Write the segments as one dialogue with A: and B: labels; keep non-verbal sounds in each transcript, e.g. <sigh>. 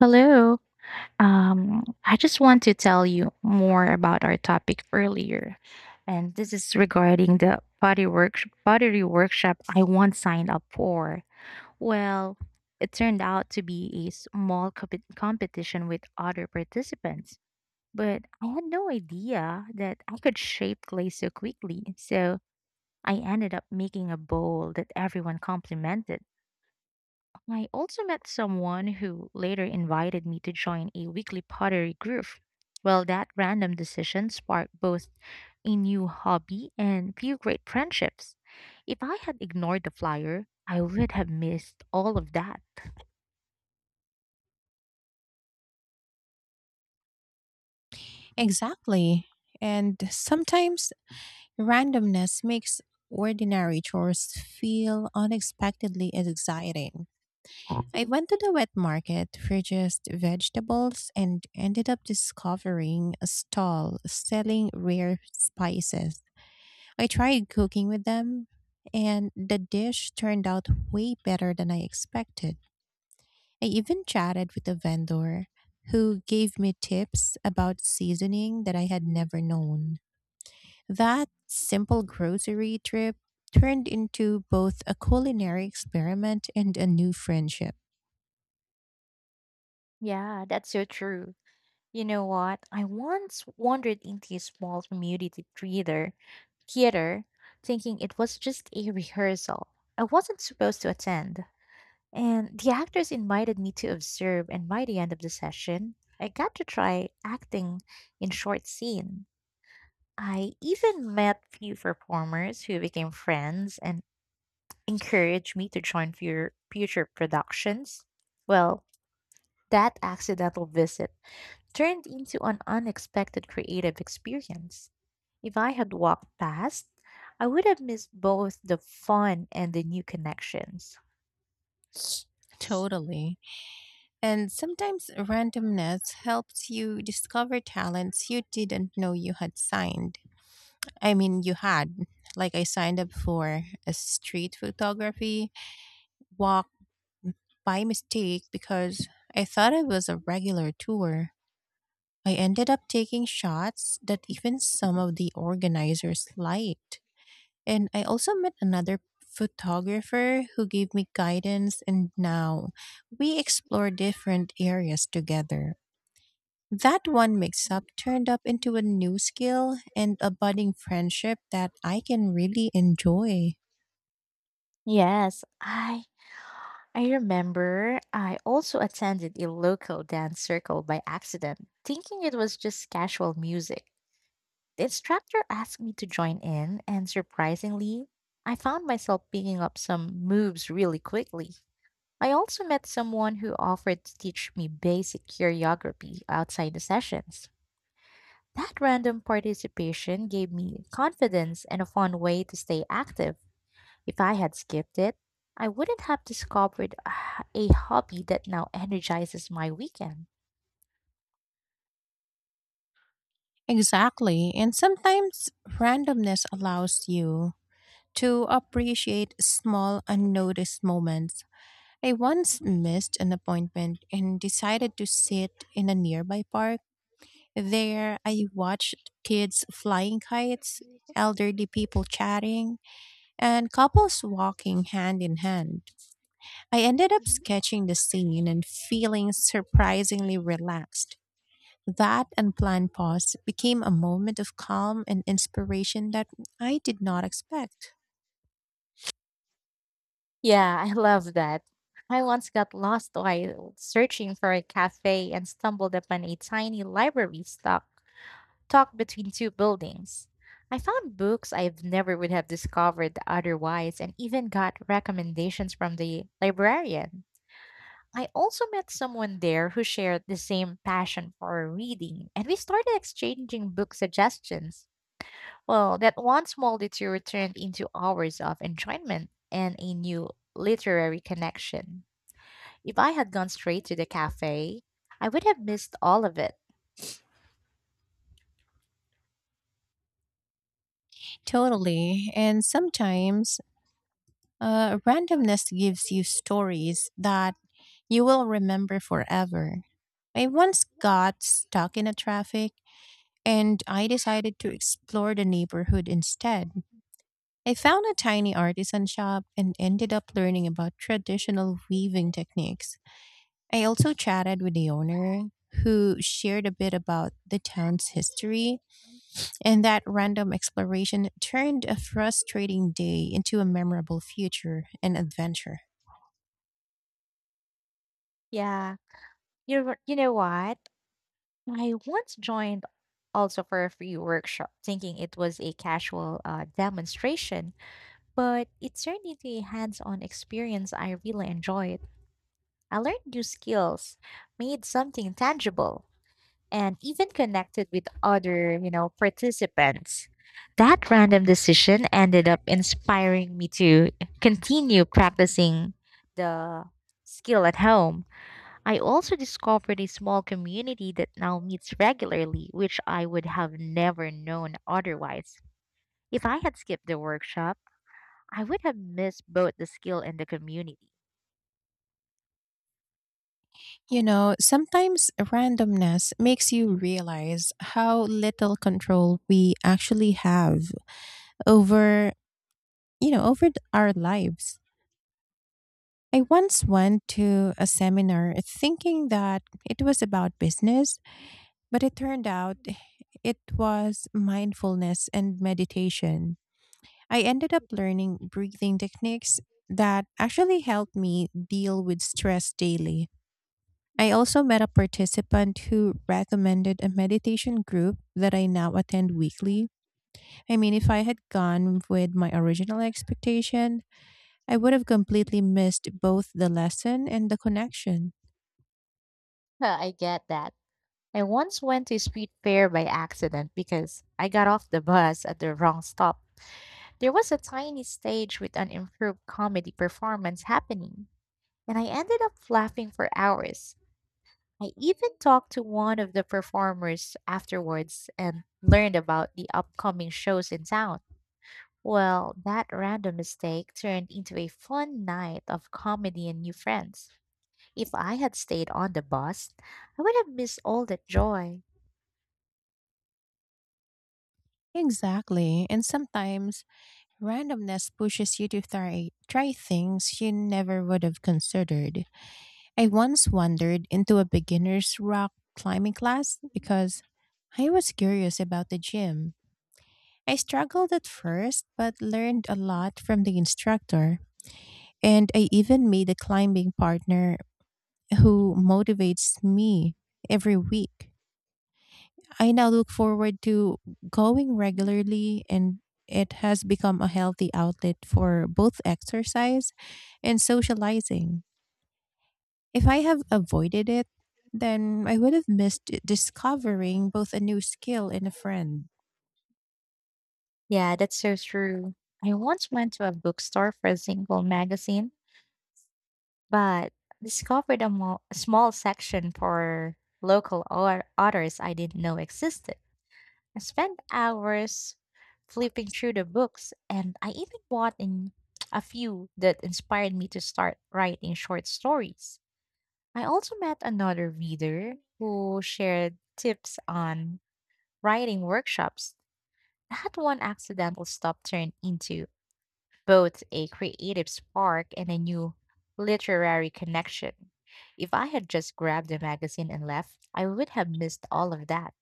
A: Hello. I just want to tell you more about our topic earlier, and this is regarding the pottery workshop. Pottery workshop I once signed up for. Well, it turned out to be a small competition with other participants, but I had no idea that I could shape clay so quickly. So I ended up making a bowl that everyone complimented. I also met someone who later invited me to join a weekly pottery group. Well, that random decision sparked both a new hobby and few great friendships. If I had ignored the flyer, I would have missed all of that.
B: Exactly. And sometimes randomness makes ordinary chores feel unexpectedly exciting. I went to the wet market for just vegetables and ended up discovering a stall selling rare spices. I tried cooking with them, and the dish turned out way better than I expected. I even chatted with the vendor who gave me tips about seasoning that I had never known. That simple grocery trip turned into both a culinary experiment and a new friendship.
A: Yeah, that's so true. You know what? I once wandered into a small community theater, thinking it was just a rehearsal. I wasn't supposed to attend, and the actors invited me to observe, and by the end of the session, I got to try acting in short scene. I even met few performers who became friends and encouraged me to join future productions. Well, that accidental visit turned into an unexpected creative experience. If I had walked past, I would have missed both the fun and the new connections.
B: Totally. And sometimes randomness helps you discover talents you didn't know you had signed. I mean, you had. Like, I signed up for a street photography walk by mistake because I thought it was a regular tour. I ended up taking shots that even some of the organizers liked. And I also met another photographer who gave me guidance, and now we explore different areas together. That one mix up turned up into a new skill and a budding friendship that I can really enjoy.
A: Yes, I remember I also attended a local dance circle by accident, thinking it was just casual music. The instructor asked me to join in, and surprisingly, I found myself picking up some moves really quickly. I also met someone who offered to teach me basic choreography outside the sessions. That random participation gave me confidence and a fun way to stay active. If I had skipped it, I wouldn't have discovered a hobby that now energizes my weekend.
B: Exactly. And sometimes randomness allows you to appreciate small, unnoticed moments. I once missed an appointment and decided to sit in a nearby park. There, I watched kids flying kites, elderly people chatting, and couples walking hand in hand. I ended up sketching the scene and feeling surprisingly relaxed. That unplanned pause became a moment of calm and inspiration that I did not expect.
A: Yeah, I <laughs> love that. I once got lost while searching for a cafe and stumbled upon a tiny library tucked between two buildings. I found books I've never would have discovered otherwise and even got recommendations from the librarian. I also met someone there who shared the same passion for reading, and we started exchanging book suggestions. Well, that one small detour turned into hours of enjoyment and a new literary connection. If I had gone straight to the cafe, I would have missed all of it.
B: Totally. And sometimes randomness gives you stories that you will remember forever. I once got stuck in a traffic and I decided to explore the neighborhood instead. I found a tiny artisan shop and ended up learning about traditional weaving techniques. I also chatted with the owner, who shared a bit about the town's history, and that random exploration turned a frustrating day into a memorable future and adventure.
A: Yeah, you know what? I once joined also for a free workshop, thinking it was a casual demonstration, but it turned into a hands-on experience I really enjoyed. I learned new skills, made something tangible, and even connected with other, participants. That random decision ended up inspiring me to continue practicing the skill at home. I also discovered a small community that now meets regularly, which I would have never known otherwise. If I had skipped the workshop, I would have missed both the skill and the community. <laughs>
B: You know, sometimes randomness makes you realize how little control we actually have over, you know, our lives. I once went to a seminar thinking that it was about business, but it turned out it was mindfulness and meditation. I ended up learning breathing techniques that actually helped me deal with stress daily. I also met a participant who recommended a meditation group that I now attend weekly. I mean, if I had gone with my original expectation, I would have completely missed both the lesson and the connection.
A: Huh, I get that. I once went to a street fair by accident because I got off the bus at the wrong stop. There was a tiny stage with an improved comedy performance happening, and I ended up laughing for hours. I even talked to one of the performers afterwards and learned about the upcoming shows in town. Well, that random mistake turned into a fun night of comedy and new friends. If I had stayed on the bus, I would have missed all that joy.
B: Exactly. And sometimes randomness pushes you to try things you never would have considered. I once wandered into a beginner's rock climbing class because I was curious about the gym. I struggled at first, but learned a lot from the instructor. And I even made a climbing partner who motivates me every week. I now look forward to going regularly and it has become a healthy outlet for both exercise and socializing. If I have avoided it, then I would have missed discovering both a new skill and a friend.
A: Yeah, that's so true. I once went to a bookstore for a single magazine but discovered a small section for local or authors I didn't know existed. I spent hours flipping through the books, and I even bought in a few that inspired me to start writing short stories. I also met another reader who shared tips on writing workshops. That one accidental stop turned into both a creative spark and a new literary connection. If I had just grabbed the magazine and left, I would have missed all of that.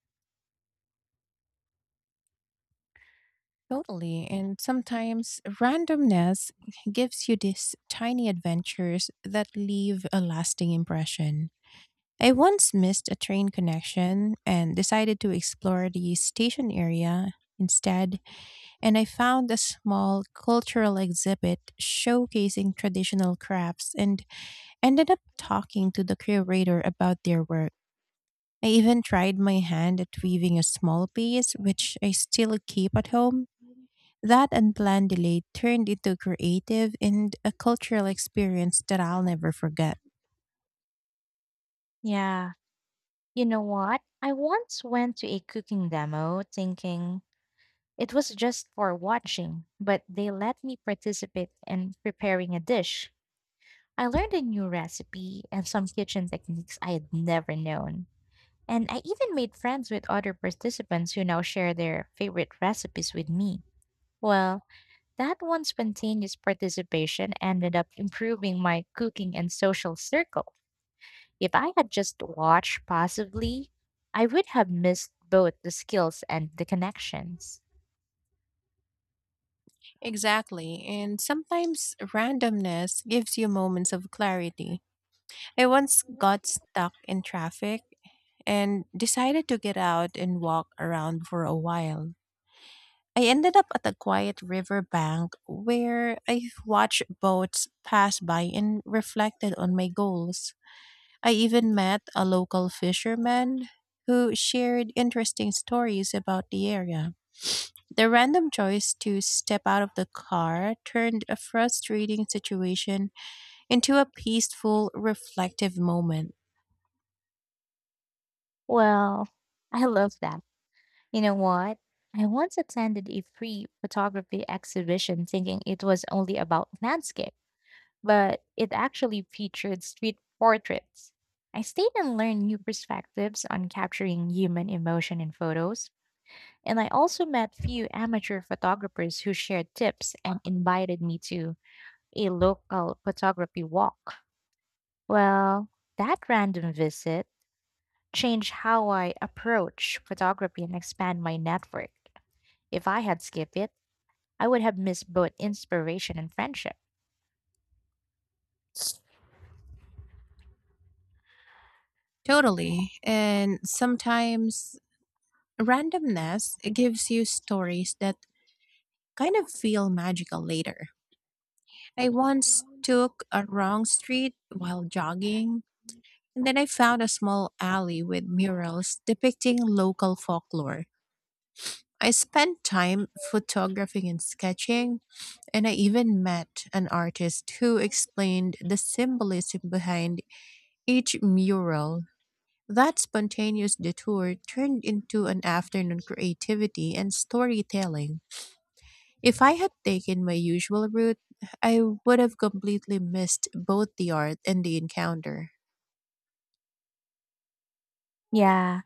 B: Totally. And sometimes randomness gives you these tiny adventures that leave a lasting impression. I once missed a train connection and decided to explore the station area instead, and I found a small cultural exhibit showcasing traditional crafts and ended up talking to the curator about their work. I even tried my hand at weaving a small piece, which I still keep at home. That unplanned delay turned into a creative and a cultural experience that I'll never forget.
A: Yeah. You know what? I once went to a cooking demo thinking it was just for watching, but they let me participate in preparing a dish. I learned a new recipe and some kitchen techniques I had never known. And I even made friends with other participants who now share their favorite recipes with me. Well, that one spontaneous participation ended up improving my cooking and social circle. If I had just watched passively, I would have missed both the skills and the connections.
B: Exactly, and sometimes randomness gives you moments of clarity. I once got stuck in traffic and decided to get out and walk around for a while. I ended up at a quiet river bank where I watched boats pass by and reflected on my goals. I even met a local fisherman who shared interesting stories about the area. The random choice to step out of the car turned a frustrating situation into a peaceful, reflective moment.
A: Well, I love that. You know what? I once attended a free photography exhibition thinking it was only about landscape, but it actually featured street portraits. I stayed and learned new perspectives on capturing human emotion in photos. And I also met few amateur photographers who shared tips and invited me to a local photography walk. Well, that random visit changed how I approach photography and expand my network. If I had skipped it, I would have missed both inspiration and friendship.
B: Totally. And sometimes randomness gives you stories that kind of feel magical later. I once took a wrong street while jogging, and then I found a small alley with murals depicting local folklore. I spent time photographing and sketching, and I even met an artist who explained the symbolism behind each mural. That spontaneous detour turned into an afternoon creativity and storytelling. If I had taken my usual route, I would have completely missed both the art and the encounter.
A: Yeah,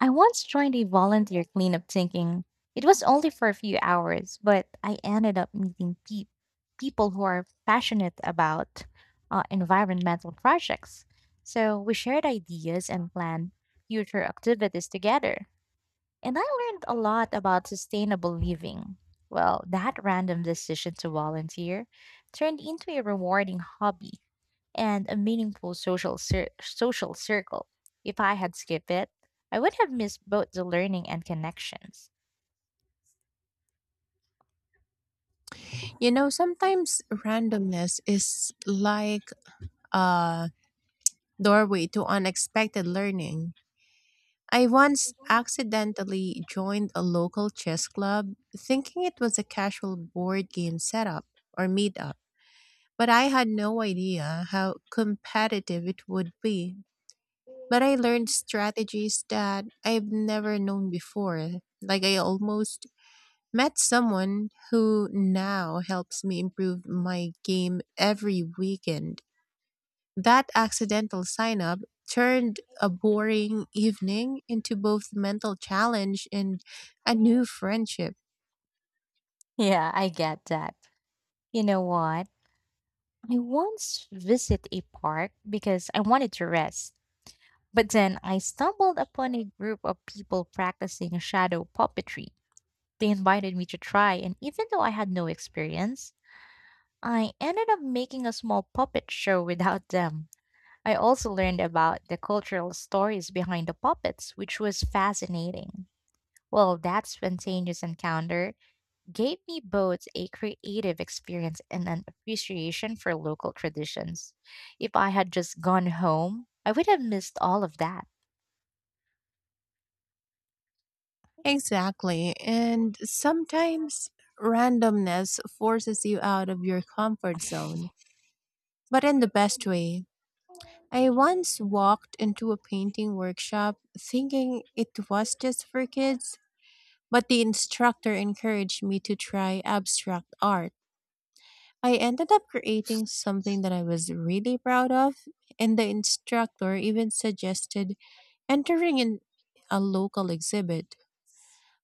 A: I once joined a volunteer cleanup thinking it was only for a few hours, but I ended up meeting people who are passionate about environmental projects. So we shared ideas and planned future activities together. And I learned a lot about sustainable living. Well, that random decision to volunteer turned into a rewarding hobby and a meaningful social circle. If I had skipped it, I would have missed both the learning and connections.
B: You know, sometimes randomness is like a doorway to unexpected learning. I once accidentally joined a local chess club thinking it was a casual board game setup or meetup, but I had no idea how competitive it would be. But I learned strategies that I've never known before. Like, I almost met someone who now helps me improve my game every weekend. That accidental sign up turned a boring evening into both mental challenge and a new friendship.
A: Yeah, I get that. You know what? I once visited a park because I wanted to rest, but then I stumbled upon a group of people practicing shadow puppetry. They invited me to try, and even though I had no experience, I ended up making a small puppet show without <laughs> them. I also learned about the cultural stories behind the puppets, which was fascinating. Well, that spontaneous encounter gave me both a creative experience and an appreciation for local traditions. If I had just gone home, I would have missed all of that.
B: Exactly. And sometimes randomness forces you out of your comfort zone, but in the best way. I once walked into a painting workshop thinking it was just for kids, but the instructor encouraged me to try abstract art. I ended up creating something that I was really proud of, and the instructor even suggested entering in a local exhibit.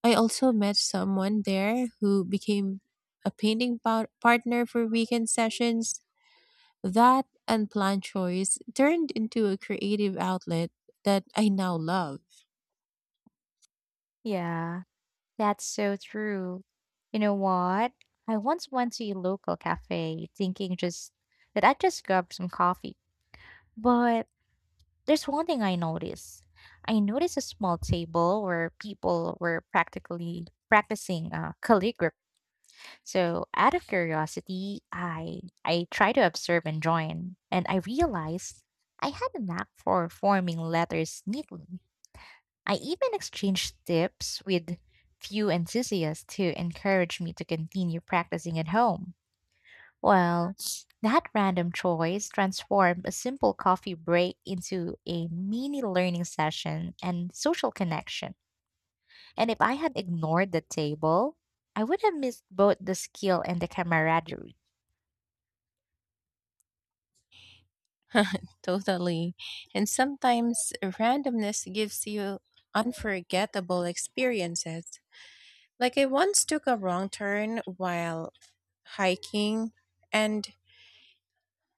B: I also met someone there who became a partner for weekend sessions. That unplanned choice turned into a creative outlet that I now love.
A: Yeah. That's so true. You know what? I once went to a local cafe thinking just that I just grabbed some coffee. But there's one thing I noticed. I noticed a small table where people were practically practicing calligraphy. So out of curiosity, I tried to observe and join, and I realized I had a knack for forming letters neatly. I even exchanged tips with few enthusiasts who encouraged me to continue practicing at home. Well, that random choice transformed a simple coffee break into a mini learning session and social connection. And if I had ignored the table, I would have missed both the skill and the camaraderie.
B: Totally. And sometimes randomness gives you unforgettable experiences. Like I once took a wrong turn while hiking, and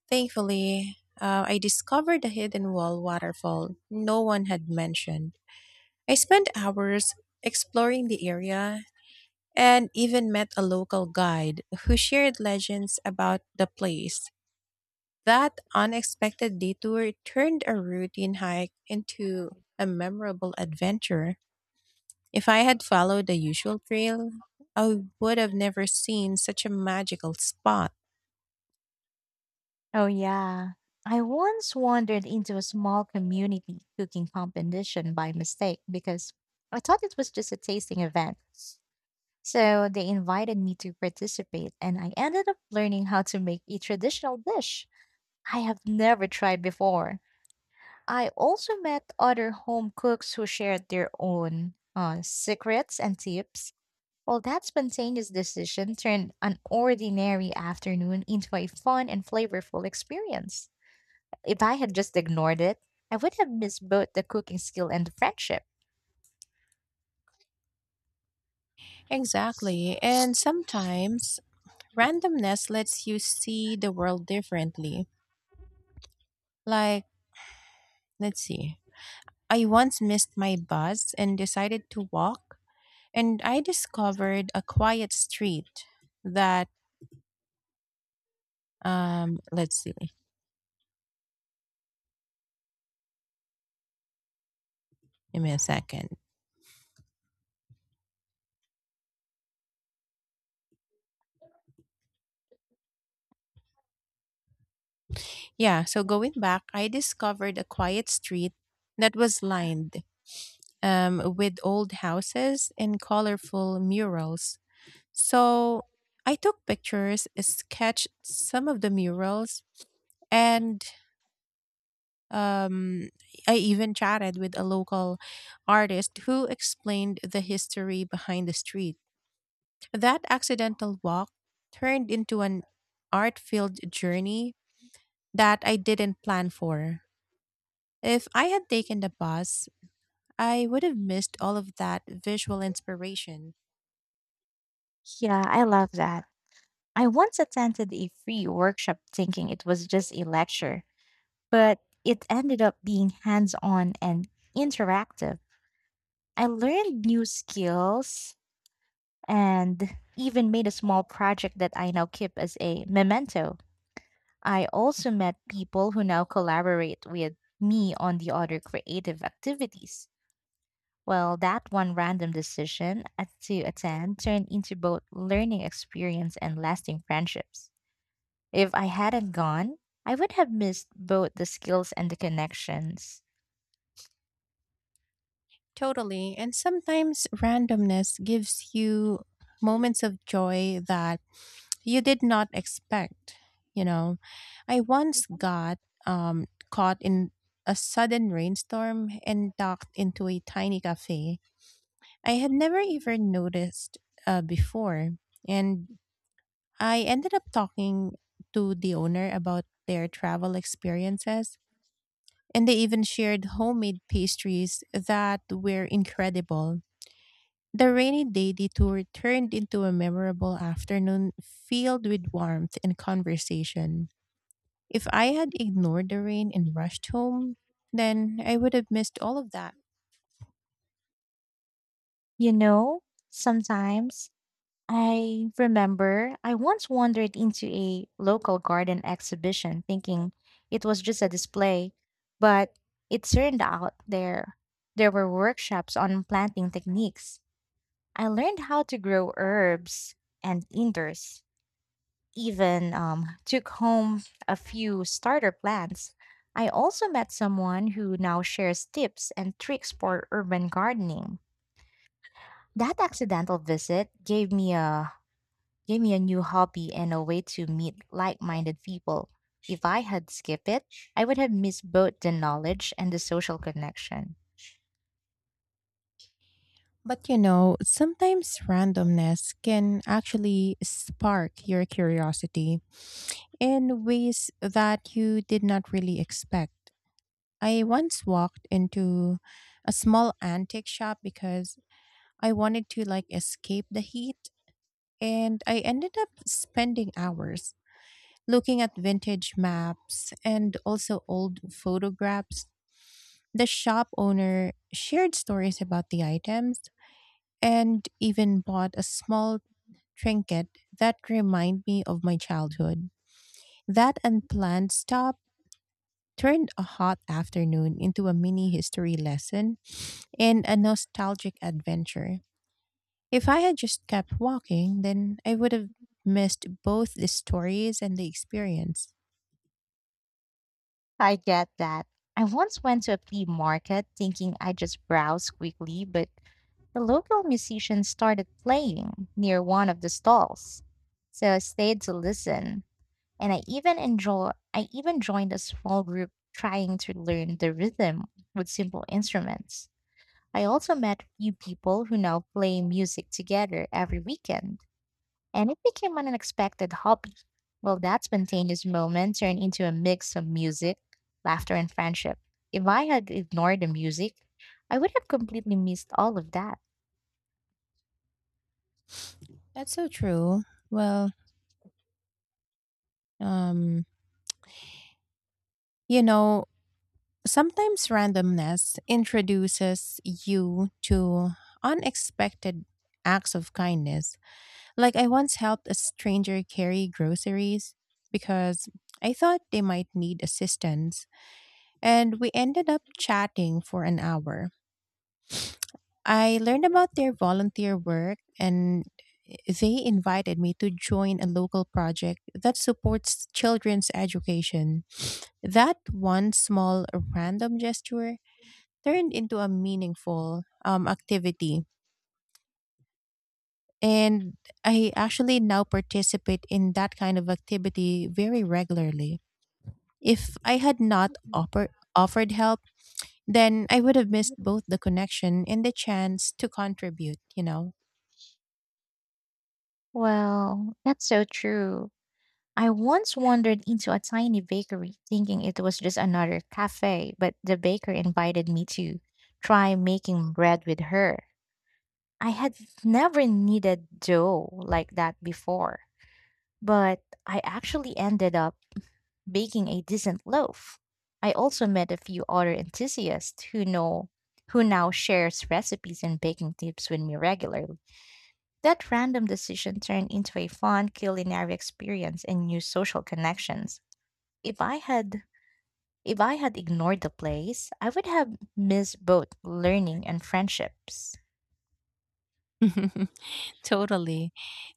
B: thankfully, I discovered a hidden wall waterfall no one had mentioned. I spent hours exploring the area and even met a local guide who shared legends about the place. That unexpected detour turned a routine hike into a memorable adventure. If I had followed the usual trail, I would have never seen such a magical spot.
A: Oh, yeah. I once wandered into a small community cooking competition by mistake because I thought it was just a tasting event. So they invited me to participate, and I ended up learning how to make a traditional dish I have never tried before. I also met other home cooks who shared their own secrets and tips. Well, that spontaneous decision turned an ordinary afternoon into a fun and flavorful experience. If I had just ignored it, I would have missed both the cooking skill and the friendship.
B: Exactly. And sometimes randomness lets you see the world differently. Like, let's see, I once missed my bus and decided to walk, and I discovered a quiet street that, let's see, give me a second. Yeah, so going back, I discovered a quiet street that was lined with old houses and colorful murals. So I took pictures, sketched some of the murals, and um, I even chatted with a local artist who explained the history behind the street. That accidental walk turned into an art filled journey that I didn't plan for. If I had taken the bus, I would have missed all of that visual inspiration.
A: Yeah, I love that. I once attended a free workshop thinking it was just a lecture, but it ended up being hands on and interactive. I learned new skills and even made a small project that I now keep as a memento. I also met people who now collaborate with me on the other creative activities. Well, that one random decision to attend turned into both learning experience and lasting friendships. If I hadn't gone, I would have missed both the skills and the connections.
B: Totally. And sometimes randomness gives you moments of joy that you did not expect. You know, I once got um, caught in a sudden rainstorm and docked into a tiny cafe I had never even noticed before. And I ended up talking to the owner about their travel experiences. And they even shared homemade pastries that were incredible. The rainy day detour turned into a memorable afternoon filled with warmth and conversation. If I had ignored the rain and rushed home, then I would have missed all of that.
A: You know, sometimes I remember I once wandered into a local garden exhibition thinking it was just a display, but it turned out there were workshops on planting techniques. I learned how to grow herbs and indoors even took home a few starter plants. I also met someone who now shares tips and tricks for urban gardening. That accidental visit gave me a new hobby and a way to meet like-minded people. If I had skipped it, I would have missed both the knowledge and the social connection.
B: But you know, sometimes randomness can actually spark your curiosity in ways that you did not really expect. I once walked into a small antique shop because I wanted to like escape the heat and I ended up spending hours looking at vintage maps and also old photographs. The shop owner shared stories about the items and even bought a small trinket that remind me of my childhood. That unplanned stop turned a hot afternoon into a mini history lesson and a nostalgic adventure. If I had just kept walking, then I would have missed both the stories and the experience.
A: I get that. I once went to a flea market thinking I just browse quickly, but the local musician started playing near one of the stalls, so I stayed to listen, and I even joined a small group trying to learn the rhythm with simple instruments. I also met a few people who now play music together every weekend, and it became an unexpected hobby. Well, that spontaneous moment turned into a mix of music, laughter, and friendship. If I had ignored the music, I would have completely missed all of that.
B: That's so true. Well, um, you know, sometimes randomness introduces you to unexpected acts of kindness. Like, I once helped a stranger carry groceries because I thought they might need assistance, and we ended up chatting for an hour. I learned about their volunteer work, and they invited me to join a local project that supports children's education. That one small random gesture turned into a meaningful activity. And I actually now participate in that kind of activity very regularly. If I had not offer, offered help, then I would have missed both the connection and the chance to contribute, you know?
A: Well, that's so true. I once wandered into a tiny bakery thinking it was just another cafe, but the baker invited me to try making bread with her. I had never needed dough like that before, but I actually ended up baking a decent loaf. I also met a few other enthusiasts who now shares recipes and baking tips with me regularly. That random decision turned into a fun culinary experience and new social connections. If I had if I had ignored the place, I would have missed both learning and friendships.
B: <laughs> Totally.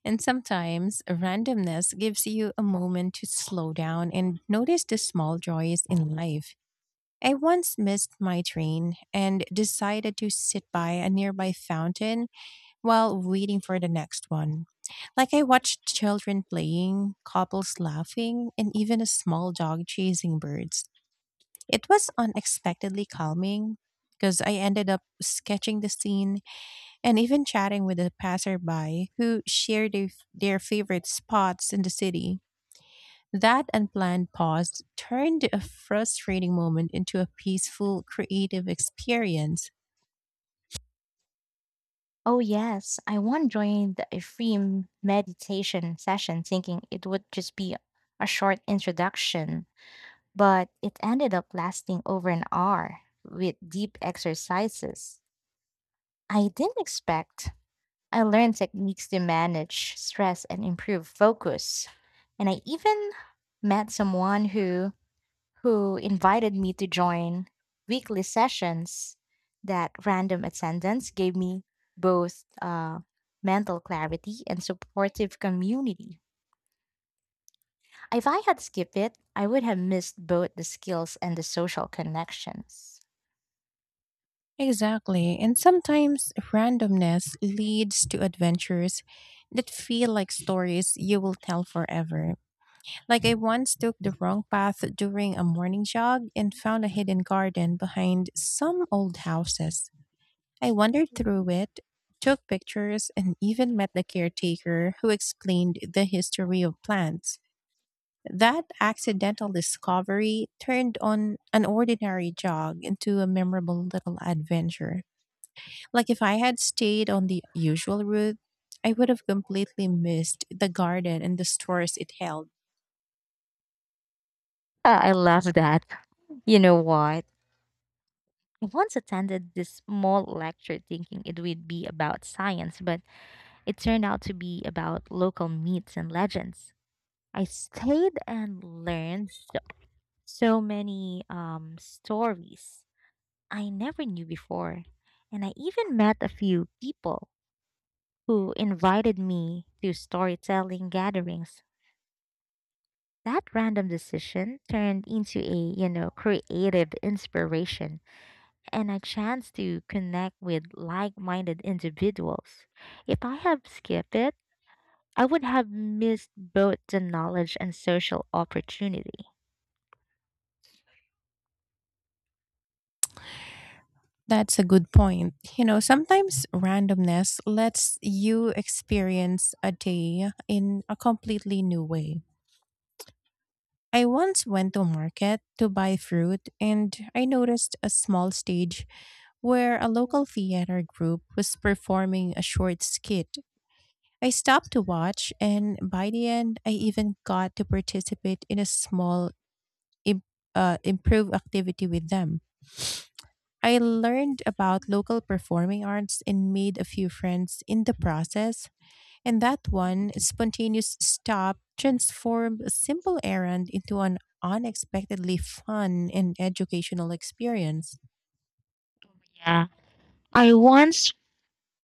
B: And sometimes randomness gives you a moment to slow down and notice the small joys in life. I once missed my train and decided to sit by a nearby fountain while waiting for the next one. Like I watched children playing, couples laughing, and even a small dog chasing birds. It was unexpectedly calming because I ended up sketching the scene and even chatting with a passerby who shared their favorite spots in the city. That unplanned pause turned a frustrating moment into a peaceful, creative experience.
A: Oh yes, I once joined a free meditation session thinking it would just be a short introduction, but it ended up lasting over an hour with deep exercises. I didn't expect I learned techniques to manage stress and improve focus. And I even met someone who invited me to join weekly sessions. That random attendance gave me both mental clarity and supportive community. If I had skipped it, I would have missed both the skills and the social connections.
B: Exactly. And sometimes randomness leads to adventures that feel like stories you will tell forever. Like I once took the wrong path during a morning jog and found a hidden garden behind some old houses. I wandered through it, took pictures, and even met the caretaker who explained the history of plants. That accidental discovery turned on an ordinary jog into a memorable little adventure. Like if I had stayed on the usual route, I would have completely missed the garden and the stores it held.
A: Ah, I love that. You know what? I once attended this small lecture thinking it would be about science, but it turned out to be about local myths and legends. I stayed and learned so many stories I never knew before. And I even met a few people who invited me to storytelling gatherings. That random decision turned into a, you know, creative inspiration and a chance to connect with like minded individuals. If I had skipped it, I would have missed both the knowledge and social opportunity.
B: That's a good point. You know, sometimes randomness lets you experience a day in a completely new way. I once went to market to buy fruit and I noticed a small stage where a local theater group was performing a short skit. I stopped to watch and by the end I even got to participate in a small im- improv activity with them. I learned about local performing arts and made a few friends in the process. And that one spontaneous stop transformed a simple errand into an unexpectedly fun and educational experience.
A: Yeah. I once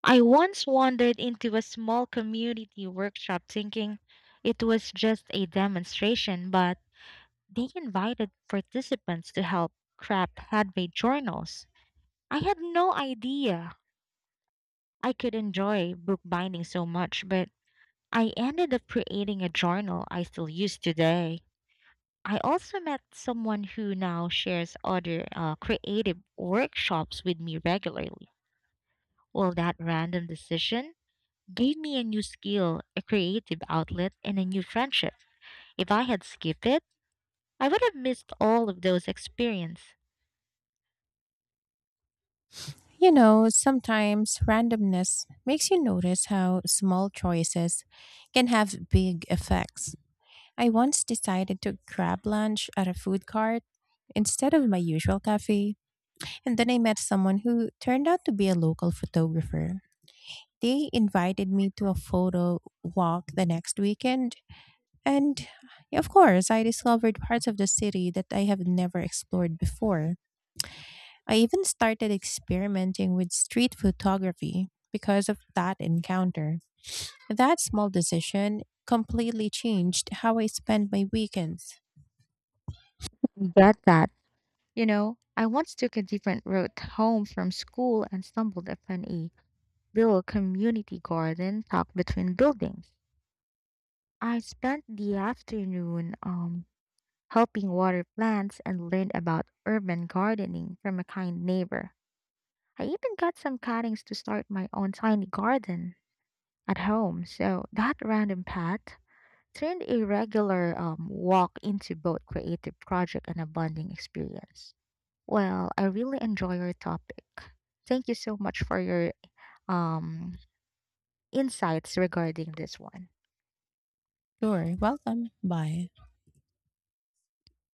A: I once wandered into a small community workshop thinking it was just a demonstration, but they invited participants to help craft handmade journals. I had no idea I could enjoy bookbinding so much, but I ended up creating a journal I still use today. I also met someone who now shares other creative workshops with me regularly. Well, that random decision gave me a new skill, a creative outlet, and a new friendship. If I had skipped it, I would have missed all of those experiences.
B: You know, sometimes randomness makes you notice how small choices can have big effects. I once decided to grab lunch at a food cart instead of my usual cafe, and then I met someone who turned out to be a local photographer. They invited me to a photo walk the next weekend, and yeah, of course, I discovered parts of the city that I have never explored before. I even started experimenting with street photography because of that encounter. That small decision completely changed how I spend my weekends.
A: Get that. You know, I once took a different route home from school and stumbled upon a little community garden tucked between buildings. I spent the afternoon helping water plants and learned about urban gardening from a kind neighbor. I even got some cuttings to start my own tiny garden at home. So that random path turned a regular walk into both creative project and a bonding experience. Well, I really enjoy your topic. Thank you so much for your um, insights regarding this one.
B: Sure, welcome. Bye.